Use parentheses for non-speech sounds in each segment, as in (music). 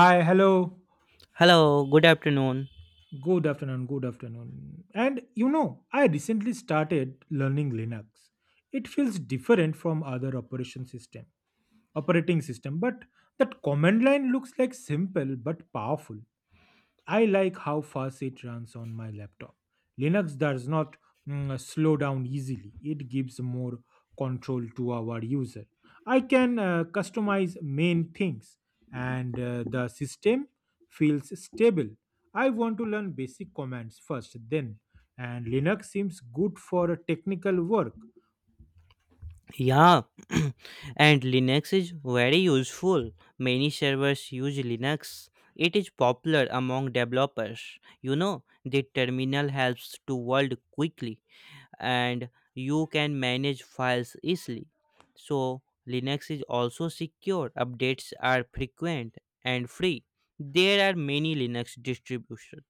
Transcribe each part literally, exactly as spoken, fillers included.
Hi, hello. Hello, good afternoon. Good afternoon, good afternoon. And you know, I recently started learning Linux. It feels different from other operation system, operating system, but that command line looks like simple but powerful. I like how fast it runs on my laptop. Linux does not mm, slow down easily, it gives more control to our user. I can uh, customize main things, and uh, the system feels stable. I want to learn basic commands first, then, and Linux seems good for technical work. Yeah, (clears throat) and Linux is very useful. Many servers use Linux. It is popular among developers. You know, the terminal helps to world quickly. And you can manage files easily. So Linux is also secure, updates are frequent and free. There are many Linux distributions,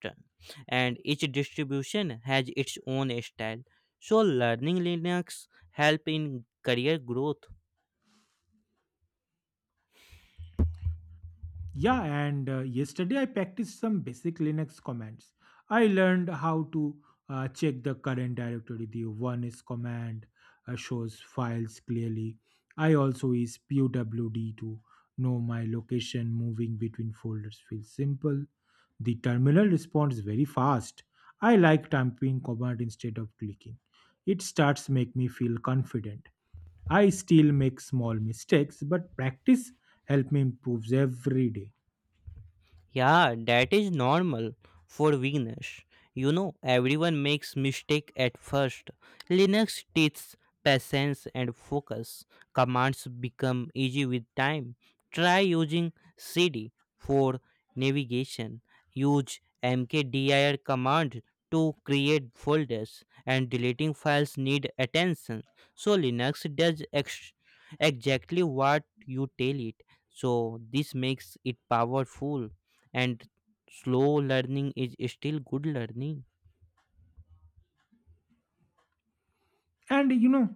and each distribution has its own style. So learning Linux help in career growth. Yeah, and uh, yesterday I practiced some basic Linux commands. I learned how to uh, check the current directory. The one is command uh, shows files clearly. I also use P W D to know my location moving between folders feels simple. The terminal responds very fast. I like typing command instead of clicking. It starts make me feel confident. I still make small mistakes, but practice help me improves every day. Yeah, that is normal for beginners. You know, everyone makes mistake at first. Linux teaches patience and focus. Commands become easy with time. Try using cd for navigation. Use mkdir command to create folders and deleting files need attention. So Linux does ex- exactly what you tell it. So this makes it powerful and slow learning is still good learning. And you know,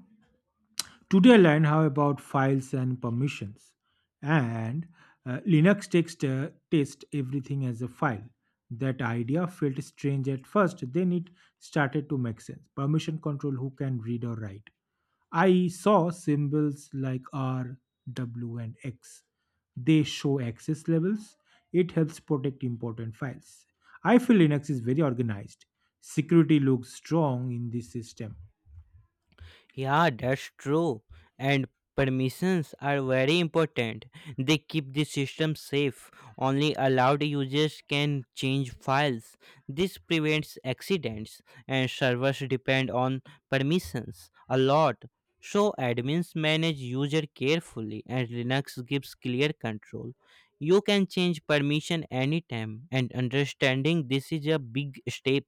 today I learned how about files and permissions. And uh, Linux takes uh, test everything as a file. That idea felt strange at first, then it started to make sense. Permission control who can read or write. I saw symbols like R, W, and X. They show access levels. It helps protect important files. I feel Linux is very organized. Security looks strong in this system. Yeah, that's true. And permissions are very important. They keep the system safe. Only allowed users can change files. This prevents accidents, and servers depend on permissions a lot. So admins manage user carefully and Linux gives clear control. You can change permission anytime and understanding this is a big step.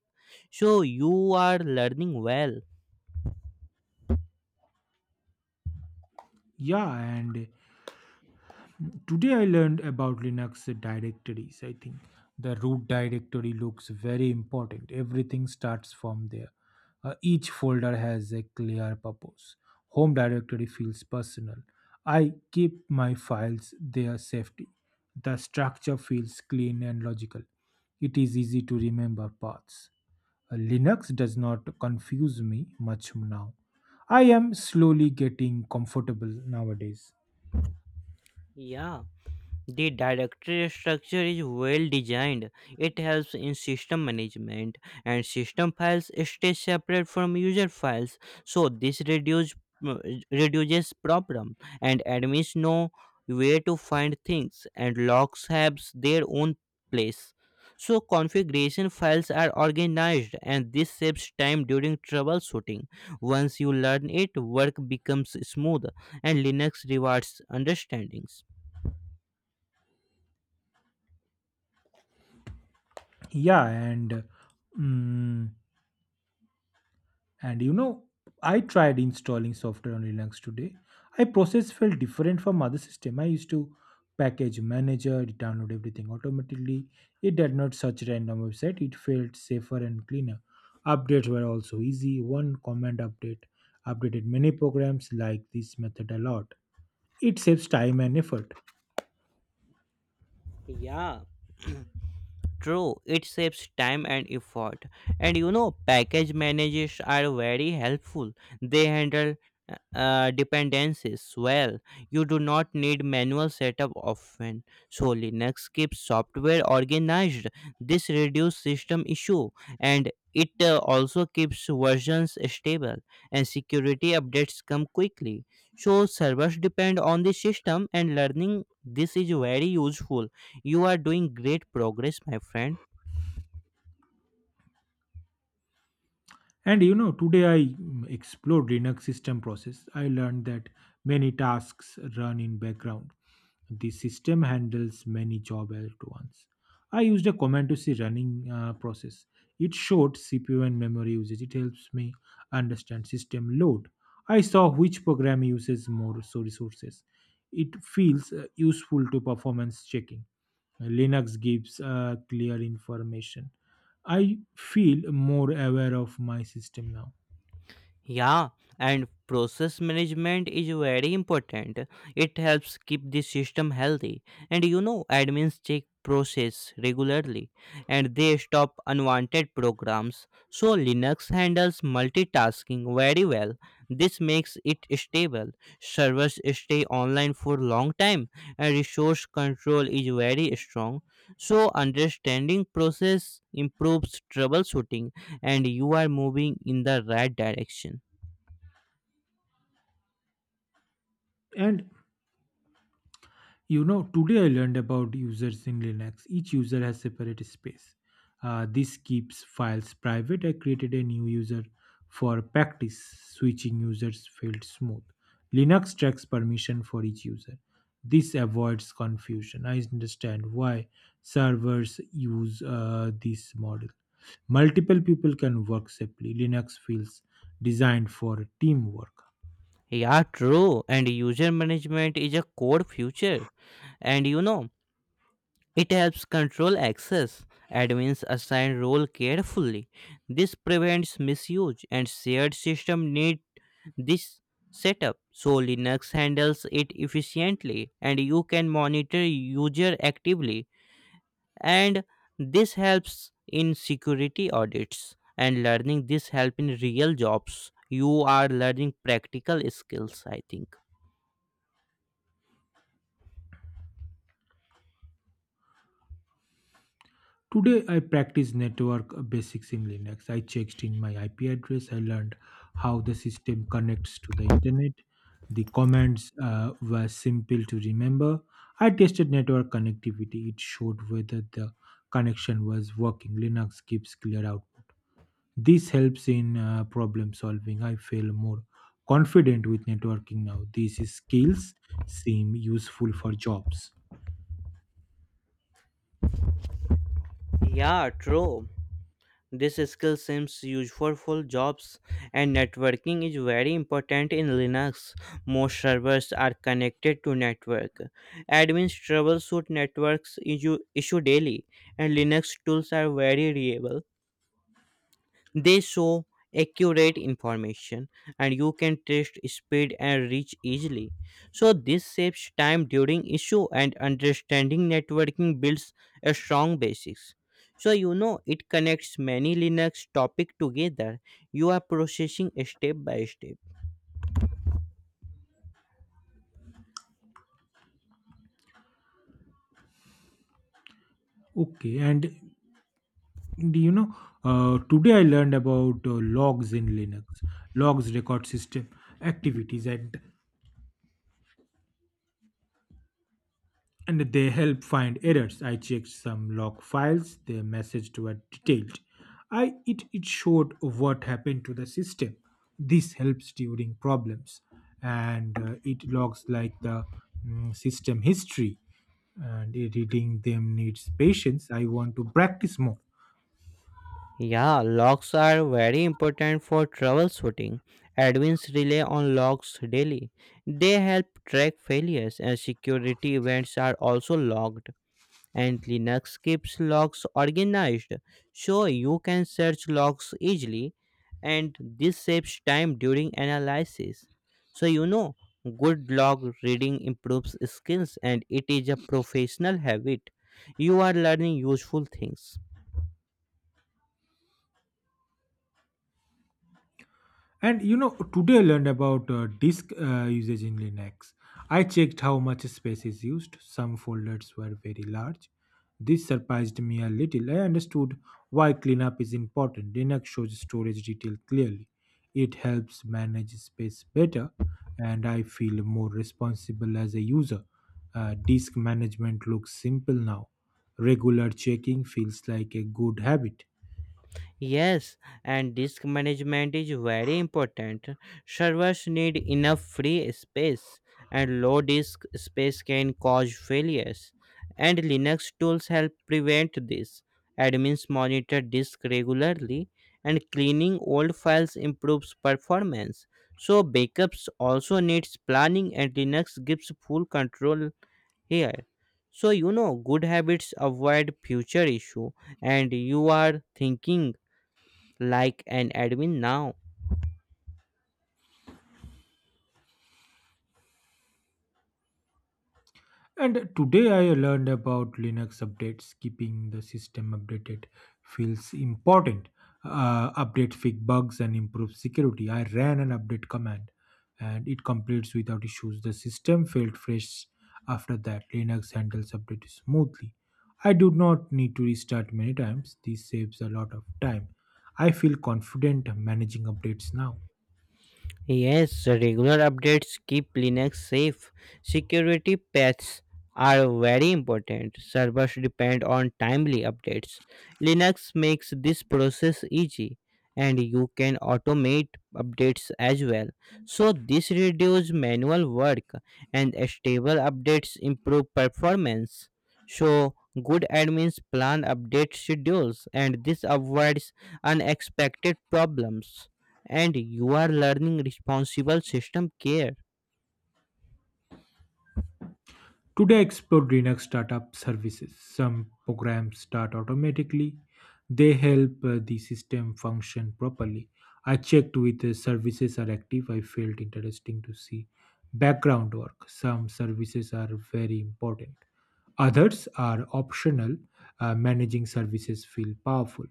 So you are learning well. Yeah, and today I learned about Linux directories. I think the root directory looks very important. Everything starts from there. Uh, each folder has a clear purpose. Home directory feels personal. I keep my files there safely. The structure feels clean and logical. It is easy to remember paths. Uh, Linux does not confuse me much now. I am slowly getting comfortable nowadays. Yeah. The directory structure is well designed. It helps in system management and system files stay separate from user files. So this reduce, uh, reduces problem and admins know where to find things and logs have their own place. So configuration files are organized and this saves time during troubleshooting. Once you learn it, work becomes smooth and Linux rewards understandings. Yeah, and mm, and you know, I tried installing software on Linux today. I process felt different from other system I used to. Package manager it download everything automatically. It did not search random website, it felt safer and cleaner. Updates were also easy, one command update updated many programs. Like this method a lot, it saves time and effort. Yeah, true, it saves time and effort. And you know, package managers are very helpful. They handle uh, uh, dependencies well. You do not need manual setup often. So Linux keeps software organized. This reduces system issue and it uh, also keeps versions stable and security updates come quickly. So servers depend on the system and learning this is very useful. You are doing great progress, my friend. And you know, today I mm, explored Linux system process. I learned that many tasks run in background. The system handles many job at once. I used a command to see running uh, process. It showed C P U and memory usage. It helps me understand system load. I saw which program uses more so resources. It feels uh, useful to performance checking. Linux gives uh, clear information. I feel more aware of my system now. Yeah, and process management is very important. It helps keep the system healthy. And you know, admins check process regularly and they stop unwanted programs. So Linux handles multitasking very well. This makes it stable. Servers stay online for long time and resource control is very strong. So understanding process improves troubleshooting and you are moving in the right direction. And you know, today I learned about users in Linux. Each user has separate space. Uh, this keeps files private. I created a new user for practice. Switching users felt smooth. Linux tracks permission for each user. This avoids confusion. I understand why servers use uh, this model. Multiple people can work safely. Linux feels designed for teamwork. Yeah, true. And user management is a core feature. And you know, it helps control access. Admins assign role carefully. This prevents misuse and shared system need this setup. So Linux handles it efficiently and you can monitor user actively and this helps in security audits and learning this help in real jobs, you are learning practical skills, I think. Today I practice network basics in Linux. I checked in my I P address. I learned how the system connects to the internet. The commands uh, were simple to remember. I tested network connectivity. It showed whether the connection was working. Linux gives clear output. This helps in uh, problem solving. I feel more confident with networking now. These skills seem useful for jobs. Yeah, true, this skill seems useful for jobs. And networking is very important in Linux. Most servers are connected to network. Admins troubleshoot networks issue, issue daily and Linux tools are very reliable. They show accurate information and you can test speed and reach easily. So this saves time during issue and understanding networking builds a strong basics. So, you know, it connects many Linux topic together. You are processing step by step. Okay, and do you know, uh, today I learned about uh, logs in Linux. Logs record system activities and and they help find errors. I checked some log files. Their messages were detailed. I it it showed what happened to the system. This helps during problems, and uh, it logs like the mm, system history. And reading them needs patience. I want to practice more. Yeah, logs are very important for troubleshooting. Admins rely on logs daily. They help track failures and security events are also logged. And Linux keeps logs organized so you can search logs easily and this saves time during analysis. So you know, good log reading improves skills and it is a professional habit. You are learning useful things. And you know, today I learned about uh, disk uh, usage in Linux. I checked how much space is used. Some folders were very large. This surprised me a little. I understood why cleanup is important. Linux shows storage detail clearly. It helps manage space better, and I feel more responsible as a user. Uh, disk management looks simple now. Regular checking feels like a good habit. Yes, and disk management is very important. Servers need enough free space, and low disk space can cause failures. And Linux tools help prevent this. Admins monitor disk regularly, and cleaning old files improves performance. So backups also needs planning, and Linux gives full control here. So you know, good habits avoid future issue, and you are thinking like an admin now. And today I learned about Linux updates. Keeping the system updated feels important. Uh, update fix bugs and improve security. I ran an update command and it completes without issues. The system felt fresh after that. Linux handles update smoothly. I do not need to restart many times. This saves a lot of time. I feel confident managing updates now. Yes, regular updates keep Linux safe. Security patches are very important. Servers depend on timely updates. Linux makes this process easy and you can automate updates as well. So this reduces manual work and stable updates improve performance. So good admins plan update schedules and this avoids unexpected problems. And you are learning responsible system care. Today, I explored Linux startup services. Some programs start automatically, they help uh, the system function properly. I checked with the services are active. I felt interesting to see background work. Some services are very important, others are optional. Uh, managing services feel powerful.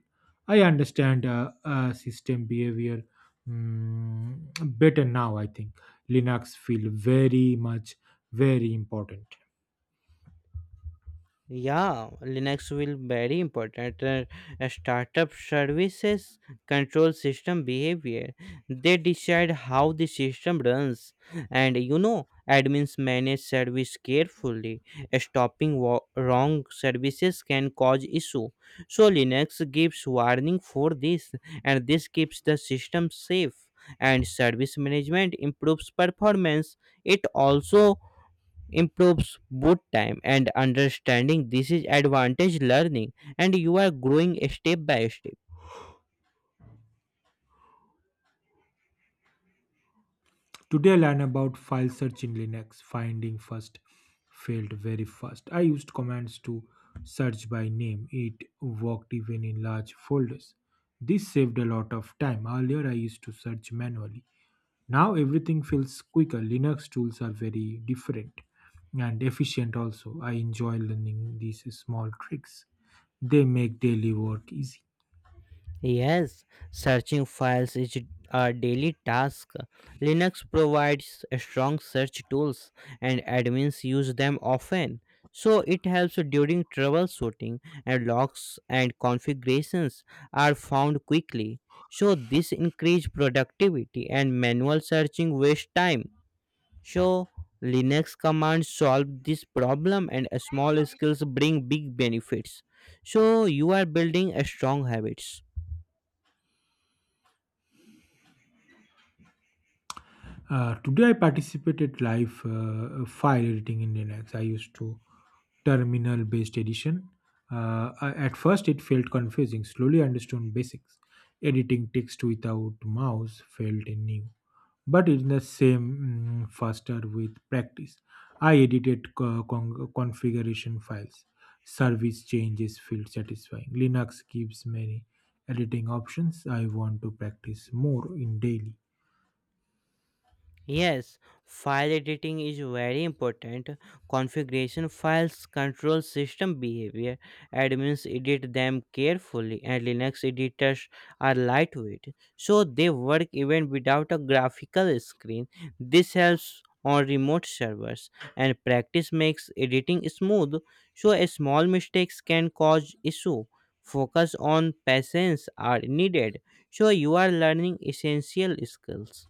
I understand uh, uh, system behavior, mm, better now. I think Linux feel very much very important. Yeah, Linux will very important Uh, A startup services control system behavior. They decide how the system runs and you know admins manage service carefully. Stopping wa- wrong services can cause issue, so Linux gives warning for this and this keeps the system safe and service management improves performance. It also improves boot time and understanding this is advantage learning and you are growing step by step. Today I learned about file search in Linux. Finding first failed very fast. I used commands to search by name. It worked even in large folders. This saved a lot of time. Earlier I used to search manually. Now everything feels quicker. Linux tools are very different and efficient also. I enjoy learning these small tricks. They make daily work easy. Yes, searching files is a daily task. Linux provides strong search tools and admins use them often, so it helps during troubleshooting and logs and configurations are found quickly, so this increase productivity and manual searching waste time. So Linux commands solve this problem and small skills bring big benefits. So you are building a strong habits. Uh, today I participated live uh, uh, file editing in Linux. I used to terminal based edition. Uh, I- at first, it felt confusing. Slowly, I understood basics. Editing text without mouse felt new, but in the same mm, faster with practice. I edited co- con- configuration files. Service changes feel satisfying. Linux gives many editing options. I want to practice more in daily. Yes, file editing is very important. Configuration files control system behavior. Admins edit them carefully, and Linux editors are lightweight, so they work even without a graphical screen. This helps on remote servers, and practice makes editing smooth, so a small mistakes can cause issue. Focus on patience are needed, so you are learning essential skills.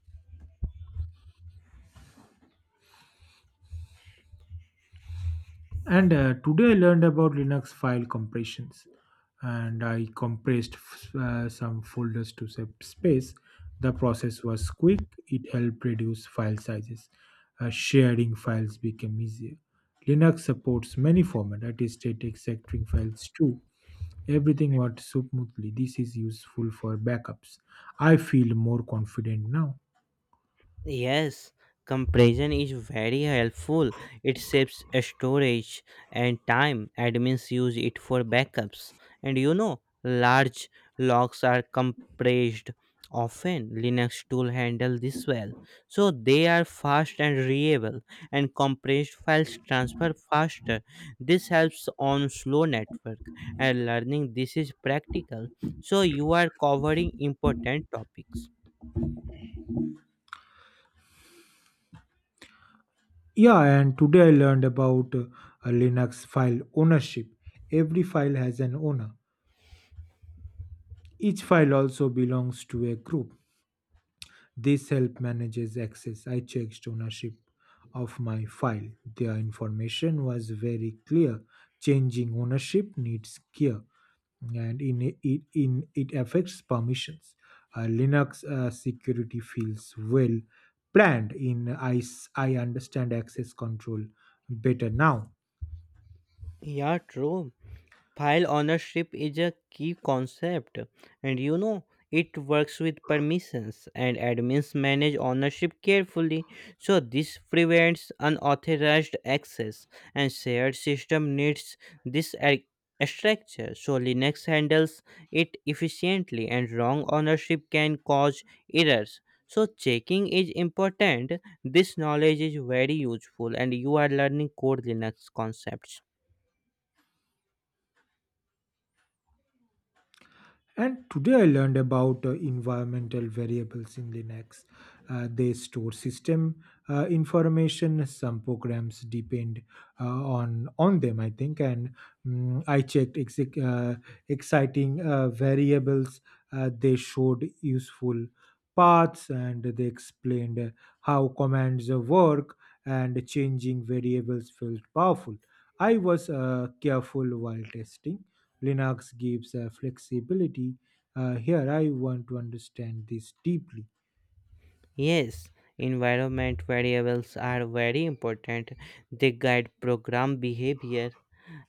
And uh, today I learned about Linux file compressions. And I compressed f- uh, some folders to save space. The process was quick, it helped reduce file sizes. Uh, sharing files became easier. Linux supports many formats, that is, static sectoring files too. Everything worked smoothly. This is useful for backups. I feel more confident now. Yes, compression is very helpful. It saves storage and time. Admins use it for backups. And you know, large logs are compressed often. Linux tool handle this well. So they are fast and readable and compressed files transfer faster. This helps on slow network and learning this is practical. So you are covering important topics. Yeah, and today I learned about uh, a Linux file ownership. Every file has an owner. Each file also belongs to a group. This help manages access. I checked ownership of my file. The information was very clear. Changing ownership needs care, and in it, in it affects permissions. Uh, Linux uh, security feels well planned. In I, I understand access control better now. Yeah, true. File ownership is a key concept, and you know it works with permissions, and admins manage ownership carefully. So this prevents unauthorized access, and shared system needs this ar- structure. So Linux handles it efficiently, and wrong ownership can cause errors. So checking is important. This knowledge is very useful, and you are learning core Linux concepts. And today I learned about uh, environmental variables in Linux. Uh, they store system uh, information. Some programs depend uh, on on them, I think. And mm, I checked exec- uh, exciting uh, variables. Uh, they showed useful paths, and they explained uh, how commands uh, work. And changing variables felt powerful. I was uh, careful while testing. Linux gives uh, flexibility. Uh, here, I want to understand this deeply. Yes, environment variables are very important. They guide program behavior,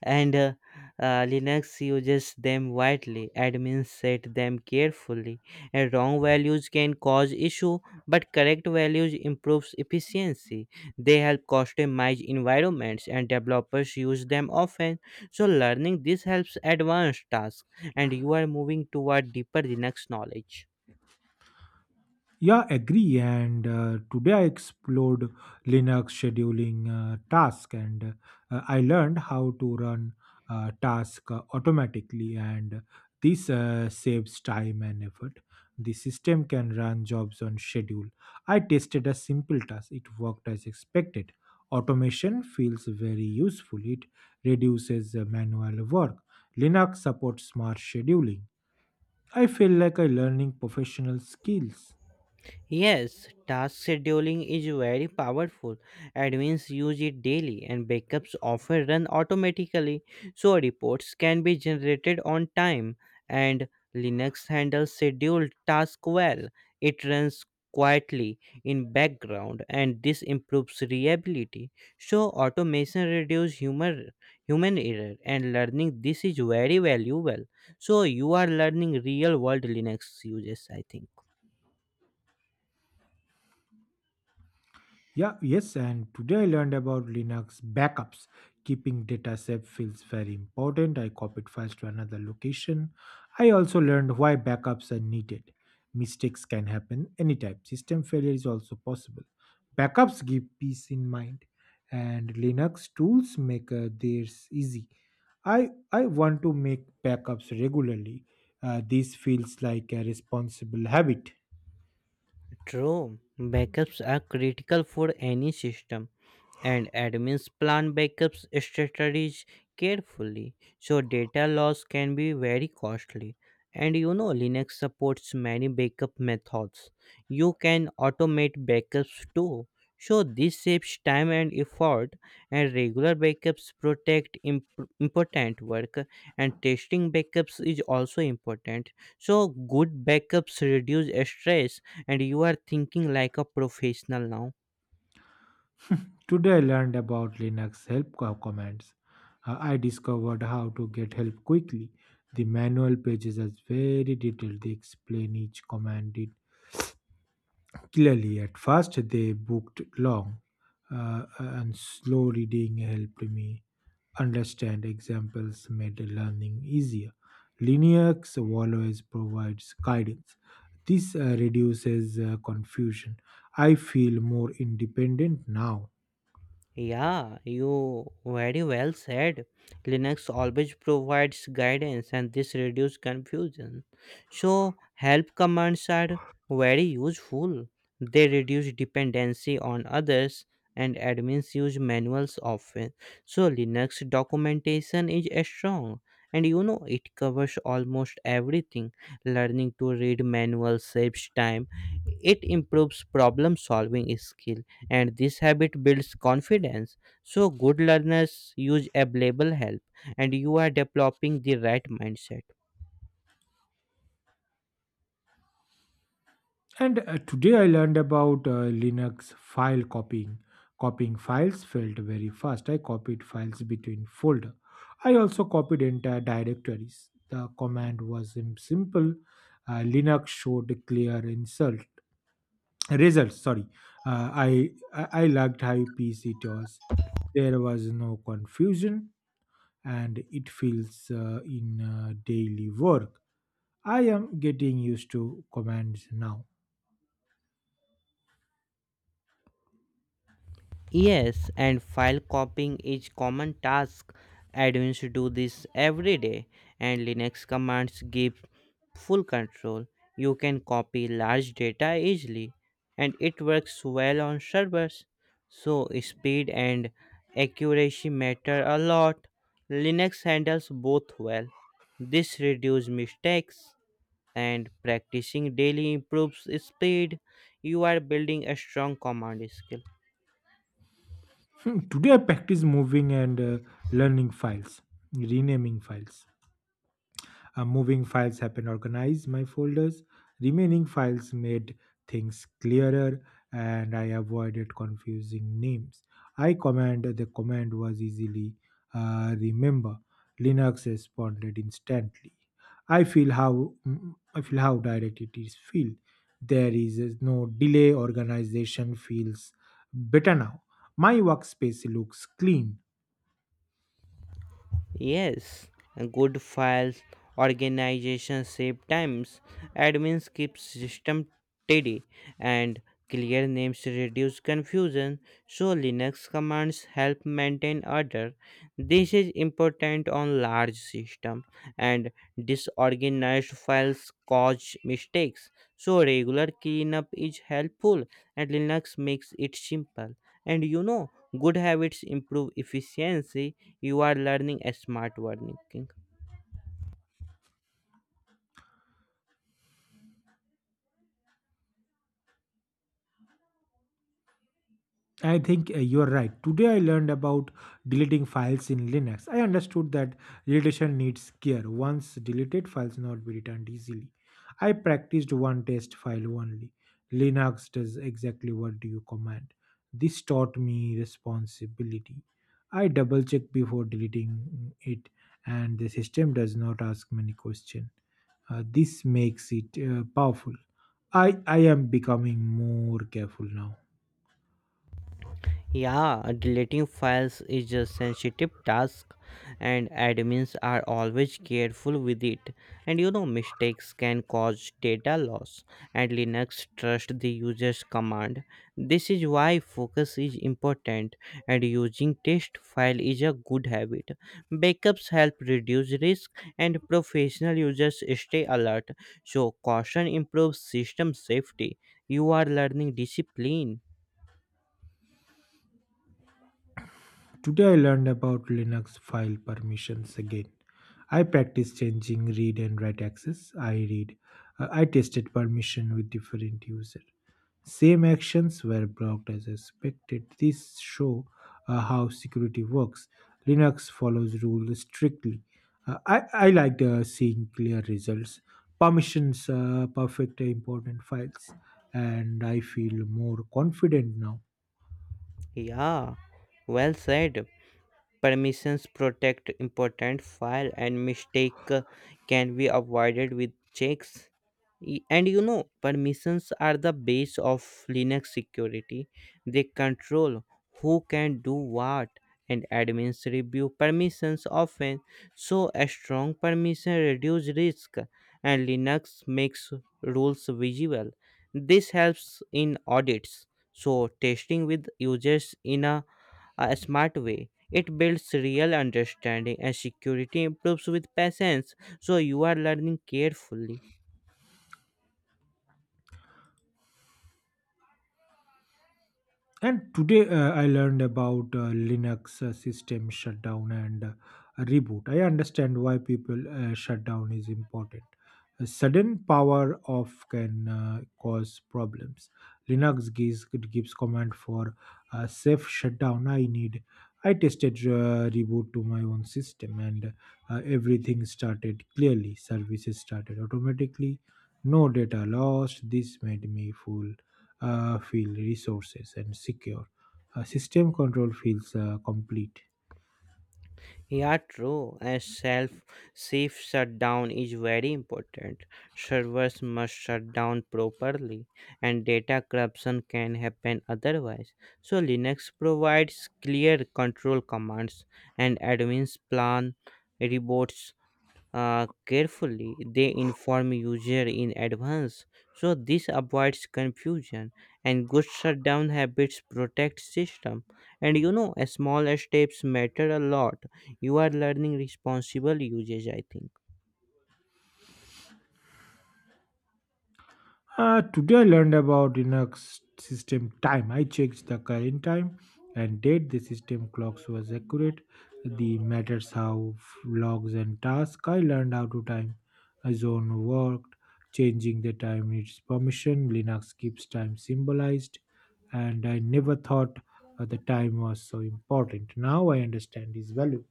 and uh, uh, Linux uses them widely. Admins set them carefully. And wrong values can cause issue, but correct values improves efficiency. They help customize environments, and developers use them often. So learning this helps advanced tasks, and you are moving toward deeper Linux knowledge. Yeah, agree. And uh, today I explored Linux scheduling uh, task, and uh, I learned how to run uh, task uh, automatically, and this uh, saves time and effort. The system can run jobs on schedule. I tested a simple task; it worked as expected. Automation feels very useful. It reduces uh, manual work. Linux supports smart scheduling. I feel like I'm learning professional skills. Yes, task scheduling is very powerful. Admins use it daily and backups often run automatically, so reports can be generated on time and Linux handles scheduled tasks well. It runs quietly in background and this improves reliability. So automation reduces human human error and learning this is very valuable. So you are learning real world Linux uses, I think. Yeah, yes, and today I learned about Linux backups. Keeping data safe feels very important. I copied files to another location. I also learned why backups are needed. Mistakes can happen anytime. System failure is also possible. Backups give peace in mind, and Linux tools make uh, theirs easy. I I want to make backups regularly. Uh, this feels like a responsible habit. True, backups are critical for any system and admins plan backups strategies carefully, so data loss can be very costly. And you know, Linux supports many backup methods. You can automate backups too, so this saves time and effort and regular backups protect imp- important work and testing backups is also important. So good backups reduce stress and you are thinking like a professional now. Today I learned about Linux help co- commands. Uh, I discovered how to get help quickly. The manual pages are very detailed. They explain each command in clearly. At first they booked long uh, and slow reading helped me understand, examples made learning easier. Linux always provides guidance. This uh, reduces uh, confusion. I feel more independent now. Yeah, you very well said. Linux always provides guidance and this reduces confusion. So help commands are very useful. They reduce dependency on others and admins use manuals often. So Linux documentation is strong and you know it covers almost everything. Learning to read manuals saves time, it improves problem solving skill and this habit builds confidence. So good learners use available help, and you are developing the right mindset. And uh, today I learned about uh, Linux file copying. Copying files felt very fast. I copied files between folder. I also copied entire directories. The command was im- simple. Uh, Linux showed clear insult results. Sorry, uh, I I I liked how easy it was. There was no confusion, and it feels uh, in uh, daily work. I am getting used to commands now. Yes, and file copying is common task. Admins do this every day, and Linux commands give full control. You can copy large data easily, and it works well on servers. So speed and accuracy matter a lot. Linux handles both well. This reduces mistakes, and practicing daily improves speed. You are building a strong command skill. Hmm, today I practice moving and uh, learning files, renaming files. Uh, moving files helped organize my folders. Remaining files made things clearer and I avoided confusing names. I command the command was easily uh, remember. Linux responded instantly. I feel how mm, mm, I feel how direct it is feel. There is uh, no delay. Organization feels better now. My workspace looks clean. Yes, good files, organization save times, admins keep system tidy, and clear names reduce confusion. So Linux commands help maintain order. This is important on large system and disorganized files cause mistakes. So regular cleanup is helpful and Linux makes it simple. And you know, good habits improve efficiency, you are learning a smart working. I think uh, you're right. Today I learned about deleting files in Linux. I understood that deletion needs care. Once deleted, files not be returned easily. I practiced one test file only. Linux does exactly what do you command. This taught me responsibility. I double check before deleting it, and the system does not ask many questions. Uh, this makes it uh, powerful. I, I am becoming more careful now. Yeah, deleting files is a sensitive task and admins are always careful with it. And you know, mistakes can cause data loss and Linux trusts the user's command. This is why focus is important and using test file is a good habit. Backups help reduce risk and professional users stay alert. So caution improves system safety. You are learning discipline. Today I learned about Linux file permissions again. I practice changing read and write access. I read. Uh, I tested permission with different user. Same actions were blocked as expected. This show uh, how security works. Linux follows rules strictly. Uh, I, I like uh, seeing clear results. Permissions uh, perfect important files and I feel more confident now. Yeah, well said. Permissions protect important file and mistake uh, can be avoided with checks. Y- And you know, permissions are the base of Linux security. They control who can do what and admins review permissions often. So a strong permission reduce risk and Linux makes rules visible. This helps in audits. So testing with users in a a smart way. It builds real understanding and security improves with patience, so you are learning carefully. And today uh, I learned about uh, Linux uh, system shutdown and uh, reboot. I understand why people uh, shutdown is important. A sudden power off can uh, cause problems. Linux gives it gives command for uh, safe shutdown. I need. I tested uh, reboot to my own system and uh, everything started clearly. Services started automatically. No data lost. This made me full uh, feel resources and secure. Uh, system control feels uh, complete. Yeah, true. A self safe shutdown is very important. Servers must shut down properly, and data corruption can happen otherwise. So Linux provides clear control commands, and admins plan reports uh, carefully. They inform user in advance, so this avoids confusion. And good shutdown habits protect system. And you know, small steps matter a lot. You are learning responsible usage, I think. Uh, today I learned about Linux system time. I checked the current time and date. The system clocks was accurate. The matters how f- logs and tasks. I learned how to time a zone worked. Changing the time needs permission. Linux keeps time symbolized, and I never thought uh, the time was so important. Now I understand its value.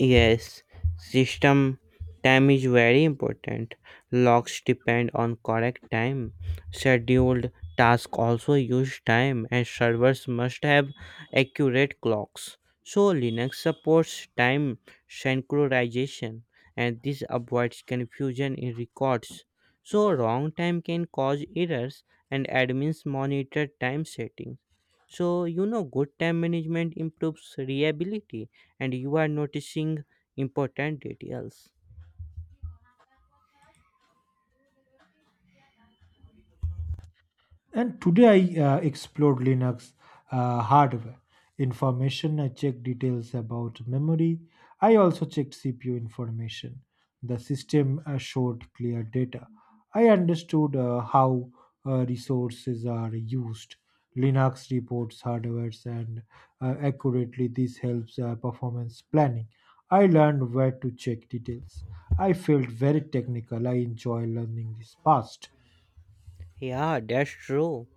Yes, system time is very important. Locks depend on correct time. Scheduled tasks also use time, and servers must have accurate clocks. So Linux supports time synchronization, and this avoids confusion in records. So wrong time can cause errors, and admins monitor time settings. So you know, good time management improves reliability and you are noticing important details. And today I uh, explored Linux uh, hardware information. I checked details about memory. I also checked C P U information. The system uh, showed clear data. I understood uh, how uh, resources are used. Linux reports hardware and uh, accurately. This helps uh, performance planning. I learned where to check details. I felt very technical. I enjoy learning this past. Yeah, that's true.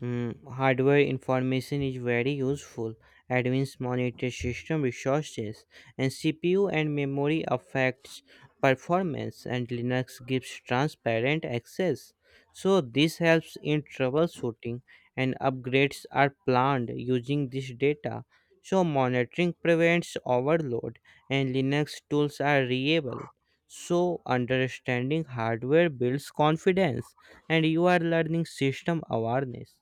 Mm, hardware information is very useful. Advanced monitor system resources and C P U and memory affects performance and Linux gives transparent access. So this helps in troubleshooting and upgrades are planned using this data. So monitoring prevents overload and Linux tools are reliable. So understanding hardware builds confidence and you are learning system awareness.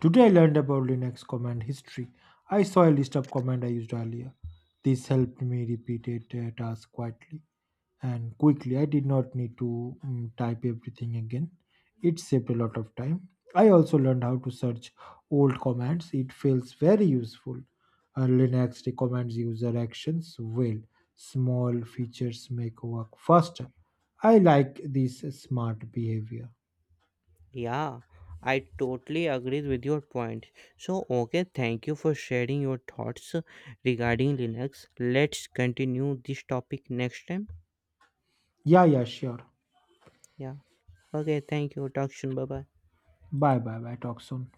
Today I learned about Linux command history. I saw a list of commands I used earlier. This helped me repeat a task quietly and quickly. I did not need to mm, type everything again. It saved a lot of time. I also learned how to search old commands. It feels very useful. Uh, Linux recommends user actions well. Small features make work faster. I like this smart behavior. Yeah, I totally agree with your point. So, okay, thank you for sharing your thoughts regarding Linux. Let's continue this topic next time. Yeah, yeah, sure. Yeah, okay, thank you. Talk soon. Bye bye. Bye bye bye. Talk soon.